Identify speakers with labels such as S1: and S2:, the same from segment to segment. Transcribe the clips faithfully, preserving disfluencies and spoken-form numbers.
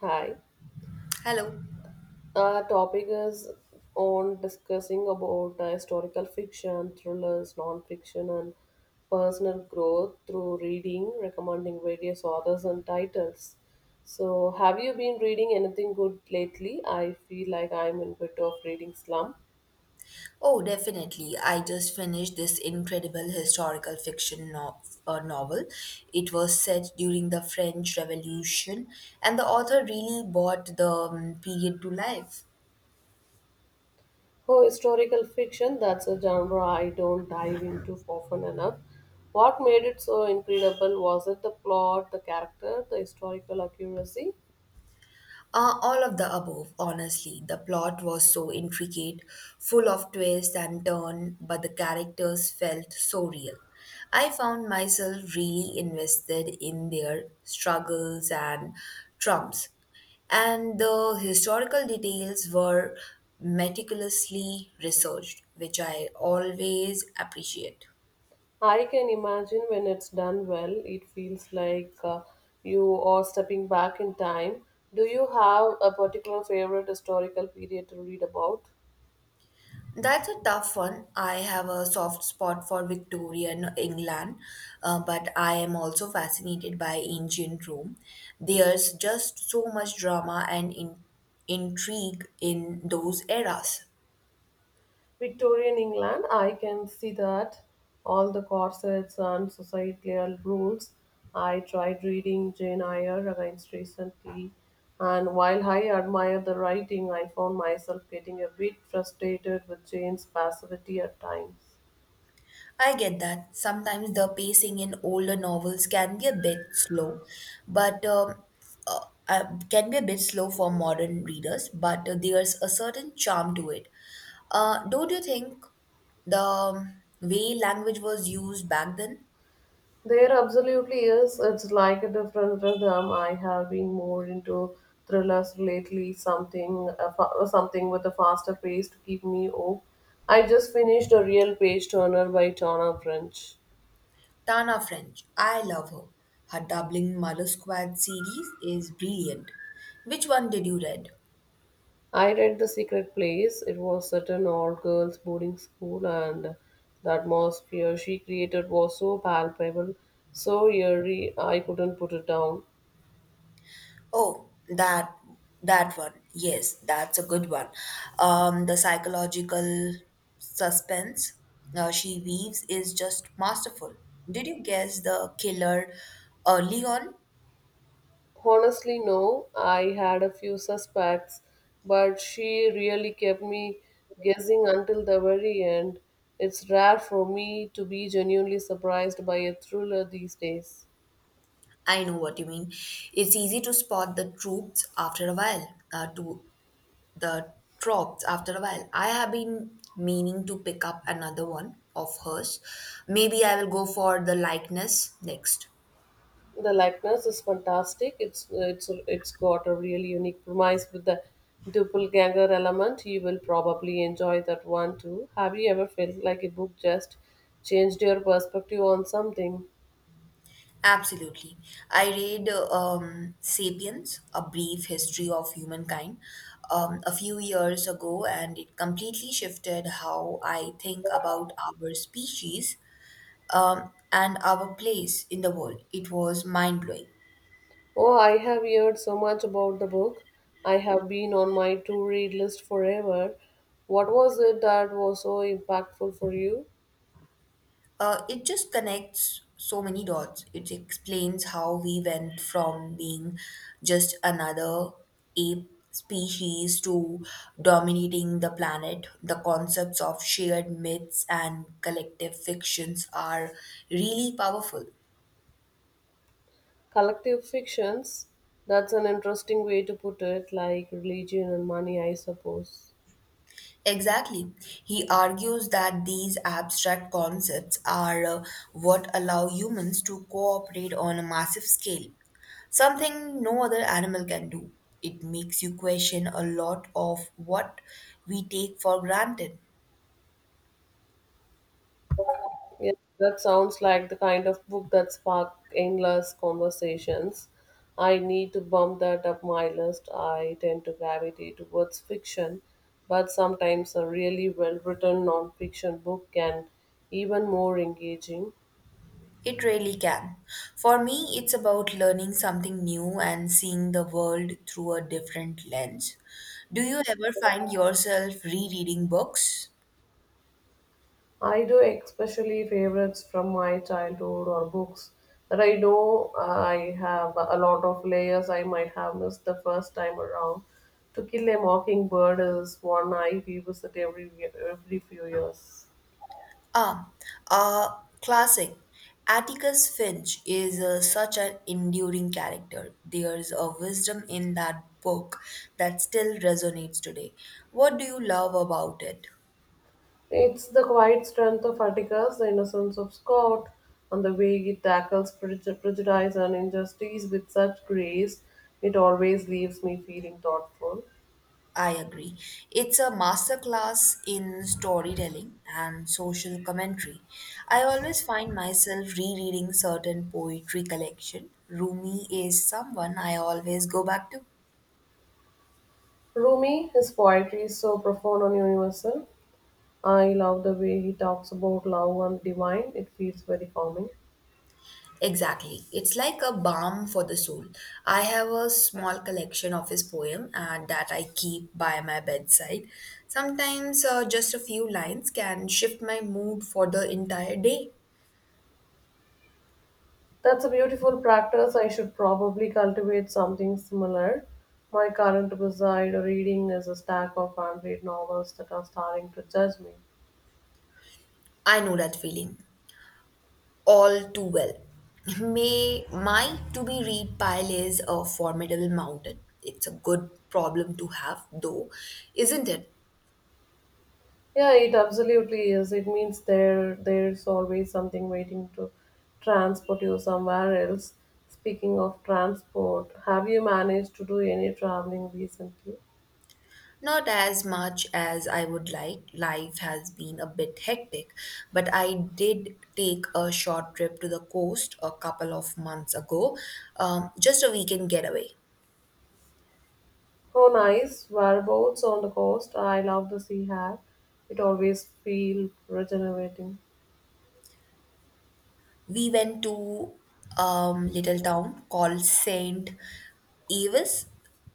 S1: Hi.
S2: Hello.
S1: Our topic is on discussing about uh, historical fiction, thrillers, non-fiction, and personal growth through reading, recommending various authors and titles. So, have you been reading anything good lately? I feel like I'm in a bit of reading slump.
S2: Oh, definitely. I just finished this incredible historical fiction no- uh, novel. It was set during the French Revolution, and the author really brought the um, period to life.
S1: Oh, historical fiction, that's a genre I don't dive into often enough. What made it so incredible? Was it the plot, the character, the historical accuracy?
S2: Uh, all of the above, honestly. The plot was so intricate, full of twists and turns, but the characters felt so real. I found myself really invested in their struggles and trumps. And the historical details were meticulously researched, which I always appreciate.
S1: I can imagine when it's done well, it feels like uh, you are stepping back in time. Do you have a particular favorite historical period to read about?
S2: That's a tough one. I have a soft spot for Victorian England, uh, but I am also fascinated by ancient Rome. There's just so much drama and in- intrigue in those eras.
S1: Victorian England, I can see that. All the corsets and societal rules. I tried reading Jane Eyre against recently, and while I admire the writing, I found myself getting a bit frustrated with Jane's passivity at times.
S2: I get that. Sometimes the pacing in older novels can be a bit slow, but um, uh, uh, can be a bit slow for modern readers. But uh, there's a certain charm to it. Uh, don't you think the um, way language was used back then?
S1: There absolutely is. It's like a different rhythm. I have been more into thrillers lately, something uh, fa- something with a faster pace to keep me up. I just finished a real page turner by Tana French.
S2: Tana French, I love her. Her doubling Mother Squad series is brilliant. Which one did you read?
S1: I read The Secret Place. It was set in all girls boarding school, and the atmosphere she created was so palpable, so eerie, I couldn't put it down.
S2: Oh, that that one. Yes, that's a good one. Um, the psychological suspense uh, she weaves is just masterful. Did you guess the killer early on?
S1: Honestly, no. I had a few suspects, but she really kept me guessing until the very end. It's rare for me to be genuinely surprised by a thriller these days.
S2: I know what you mean. It's easy to spot the troops after a while. Uh, to the tropes after a while. I have been meaning to pick up another one of hers. Maybe I will go for the likeness next.
S1: The likeness is fantastic. It's it's it's got a really unique premise with the doppelganger element. You will probably enjoy that one too. Have you ever felt like a book just changed your perspective on something?
S2: Absolutely. I read uh, um, Sapiens, A Brief History of Humankind, um, a few years ago, and it completely shifted how I think about our species um, and our place in the world. It was mind blowing.
S1: Oh, I have heard so much about the book. I have been on my to read list forever. What was it that was so impactful for you?
S2: Uh, it just connects so many dots. It explains how we went from being just another ape species to dominating the planet. The concepts of shared myths and collective fictions are really powerful.
S1: Collective fictions? That's an interesting way to put it, like religion and money, I suppose.
S2: Exactly. He argues that these abstract concepts are uh, what allow humans to cooperate on a massive scale, something no other animal can do. It makes you question a lot of what we take for granted.
S1: Yeah, that sounds like the kind of book that spark endless conversations. I need to bump that up my list. I tend to gravitate towards fiction, but sometimes a really well written non fiction book can even more engaging.
S2: It really can. For me, it's about learning something new and seeing the world through a different lens. Do you ever find yourself rereading books?
S1: I do especially favorites from my childhood or books that I know uh, I have a lot of layers I might have missed the first time around. To Kill a Mockingbird is one I revisit every every few years.
S2: Ah, a classic. Atticus Finch is uh, such an enduring character. There's a wisdom in that book that still resonates today. What do you love about it?
S1: It's the quiet strength of Atticus, the innocence of Scott, and the way it tackles prejud- prejudice and injustice with such grace. It always leaves me feeling thoughtful.
S2: I agree. It's a masterclass in storytelling and social commentary. I always find myself rereading certain poetry collection. Rumi is someone I always go back to.
S1: Rumi, his poetry is so profound and universal. I love the way he talks about love and divine. It feels very calming.
S2: Exactly. It's like a balm for the soul. I have a small collection of his poem and that I keep by my bedside. Sometimes uh, just a few lines can shift my mood for the entire day.
S1: That's a beautiful practice. I should probably cultivate something similar. My current beside reading is a stack of unread novels that are starting to judge me.
S2: I know that feeling all too well. May my to be read pile is a formidable mountain. It's a good problem to have though, isn't it?
S1: Yeah, it absolutely is. It means there there's always something waiting to transport you somewhere else. Speaking of transport, have you managed to do any traveling recently?
S2: Not as much as I would like. Life has been a bit hectic, but I did take a short trip to the coast a couple of months ago, um, just a weekend getaway.
S1: Oh, nice. Whereabouts on the coast? I love the sea air. It always feels regenerating.
S2: We went to um, little town called Saint Eves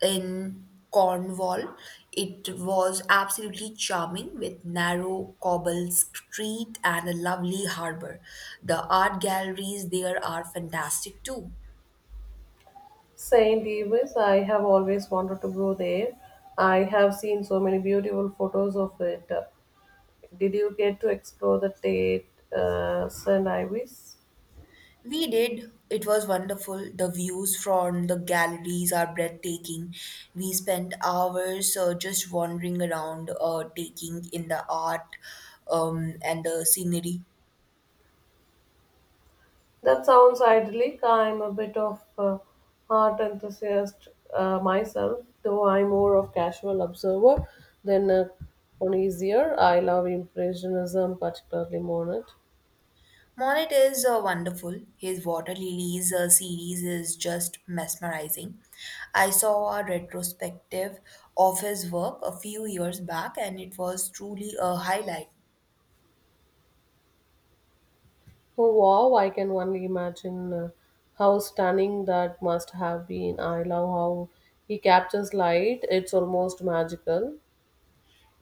S2: in Cornwall. It was absolutely charming with narrow cobble street and a lovely harbor. The art galleries there are fantastic too.
S1: Saint Davis, I have always wanted to go there. I have seen so many beautiful photos of it. Did you get to explore the Tate uh, saint Ives?
S2: We did. It was wonderful. The views from the galleries are breathtaking. We spent hours uh, just wandering around, uh, taking in the art um, and the scenery.
S1: That sounds idyllic. I'm a bit of a art enthusiast uh, myself, though I'm more of casual observer than a connoisseur. I love impressionism, particularly Monet.
S2: Monet is uh, wonderful. His Water Lilies uh, series is just mesmerizing. I saw a retrospective of his work a few years back, and it was truly a highlight.
S1: Oh wow! I can only imagine uh, how stunning that must have been. I love how he captures light. It's almost magical.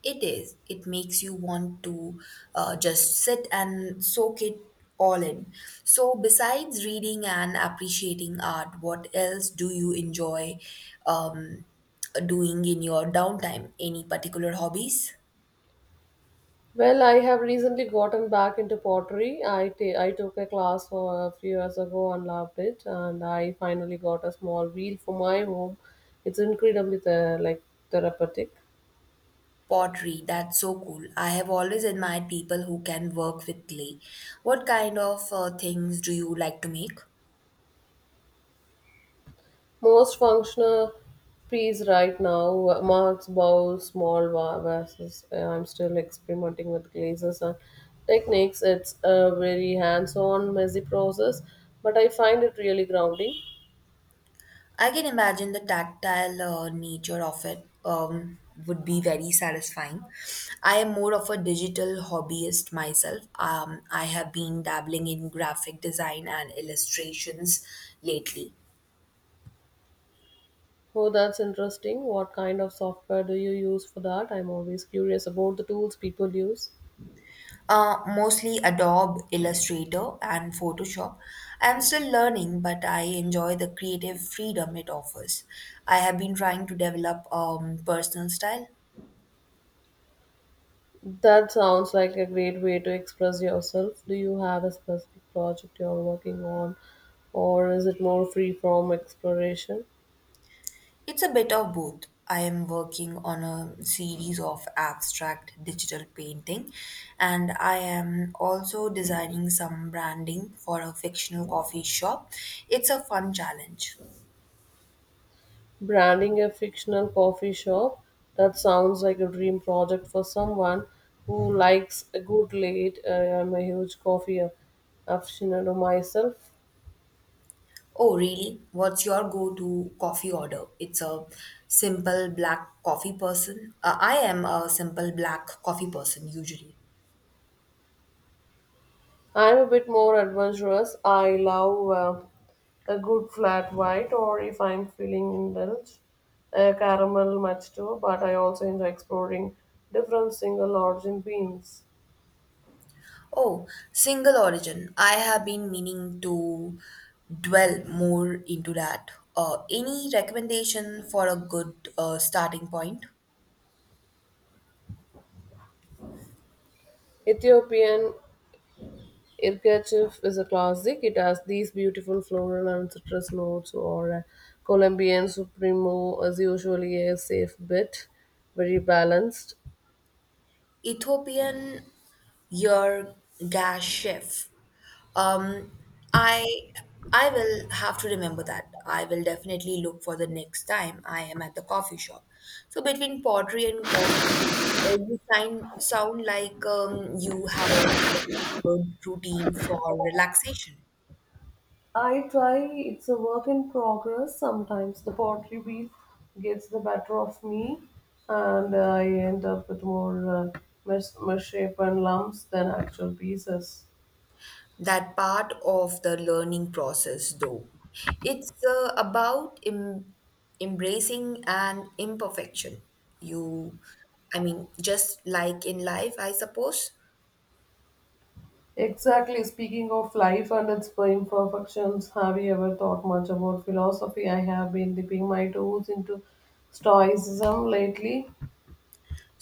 S2: It is. It makes you want to uh, just sit and soak it all in. So, besides reading and appreciating art, what else do you enjoy um, doing in your downtime? Any particular hobbies?
S1: Well, I have recently gotten back into pottery. I ta- I took a class for a few years ago and loved it, and I finally got a small wheel for my home. It's incredibly the like therapeutic.
S2: Pottery, that's so cool. I have always admired people who can work with clay. What kind of uh, things do you like to make?
S1: Most functional piece right now, uh, mugs, bowls, small va- vases. Uh, I'm still experimenting with glazes and techniques. It's a very hands-on, messy process, but I find it really grounding.
S2: I can imagine the tactile uh, nature of it um, would be very satisfying. I am more of a digital hobbyist myself. Um, I have been dabbling in graphic design and illustrations lately,
S1: Oh, that's interesting. What kind of software do you use for that? I'm always curious about the tools people use.
S2: uh, mostly Adobe Illustrator and Photoshop. I am still learning, but I enjoy the creative freedom it offers. I have been trying to develop um, personal style.
S1: That sounds like a great way to express yourself. Do you have a specific project you're working on, or is it more free from exploration?
S2: It's a bit of both. I am working on a series of abstract digital painting and I am also designing some branding for a fictional coffee shop. It's a fun challenge.
S1: Branding a fictional coffee shop? That sounds like a dream project for someone who likes a good late. Uh, I'm a huge coffee a- aficionado myself.
S2: Oh, really? What's your go-to coffee order? It's a simple black coffee person. Uh, I am a simple black coffee person usually.
S1: I'm a bit more adventurous. I love uh, a good flat white, or if I'm feeling indulged, a caramel macchiato. But I also enjoy exploring different single origin beans.
S2: Oh, single origin. I have been meaning to dwell more into that. Uh, any recommendation for a good uh, starting point?
S1: Ethiopian Irkachif is a classic. It has these beautiful floral and citrus notes, or a Colombian Supremo is usually a safe bet, very balanced.
S2: Ethiopian Yergashef. Um, I I will have to remember that. I will definitely look for the next time I am at the coffee shop. So between pottery and coffee, uh, you sound sound like um, you have a good routine for relaxation.
S1: I try, it's a work in progress. Sometimes the pottery wheel gets the better of me, and I end up with more uh, mis- misshapen lumps than actual pieces.
S2: That part of the learning process though. It's uh, about em- embracing an imperfection. You i mean just like in life, I suppose.
S1: Exactly, speaking of life and its imperfections, have you ever thought much about philosophy? I have been dipping my toes into Stoicism lately.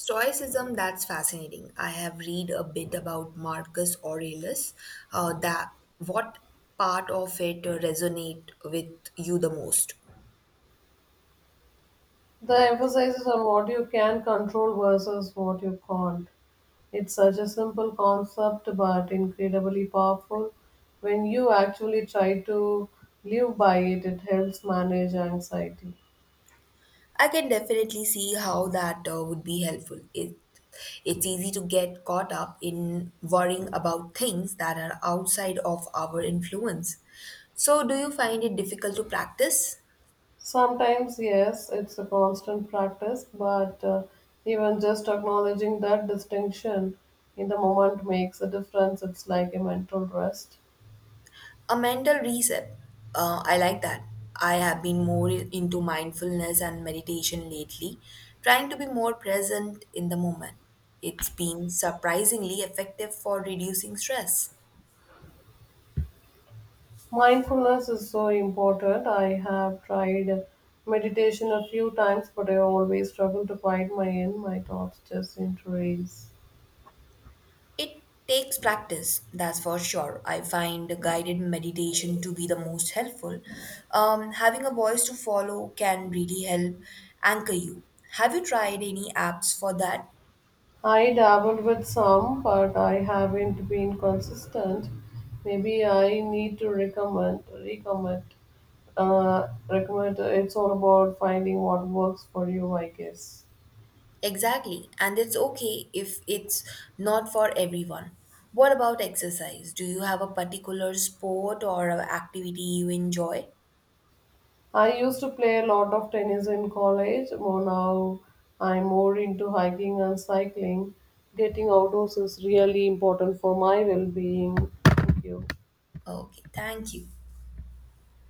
S2: Stoicism, that's fascinating. I have read a bit about Marcus Aurelius. Uh, that What part of it resonate with you the most?
S1: The emphasis is on what you can control versus what you can't. It's such a simple concept but incredibly powerful. When you actually try to live by it, it helps manage anxiety.
S2: I can definitely see how that uh, would be helpful. It, it's easy to get caught up in worrying about things that are outside of our influence. So, do you find it difficult to practice?
S1: Sometimes, yes, it's a constant practice, but uh, even just acknowledging that distinction in the moment makes a difference. It's like a mental rest.
S2: A mental reset. Uh, I like that. I have been more into mindfulness and meditation lately, trying to be more present in the moment. It's been surprisingly effective for reducing stress.
S1: Mindfulness is so important. I have tried meditation a few times, but I always struggle to quiet my end. My thoughts just seem to race.
S2: It takes practice, that's for sure. I find guided meditation to be the most helpful. Um, having a voice to follow can really help anchor you. Have you tried any apps for that?
S1: I dabbled with some, but I haven't been consistent. Maybe I need to recommend, recommend, uh, recommend. It's all about finding what works for you, I guess.
S2: Exactly, and it's okay if it's not for everyone. What about exercise? Do you have a particular sport or a activity you enjoy?
S1: I used to play a lot of tennis in college, but now I'm more into hiking and cycling. Getting outdoors is really important for my well being. Thank you.
S2: Okay, thank you.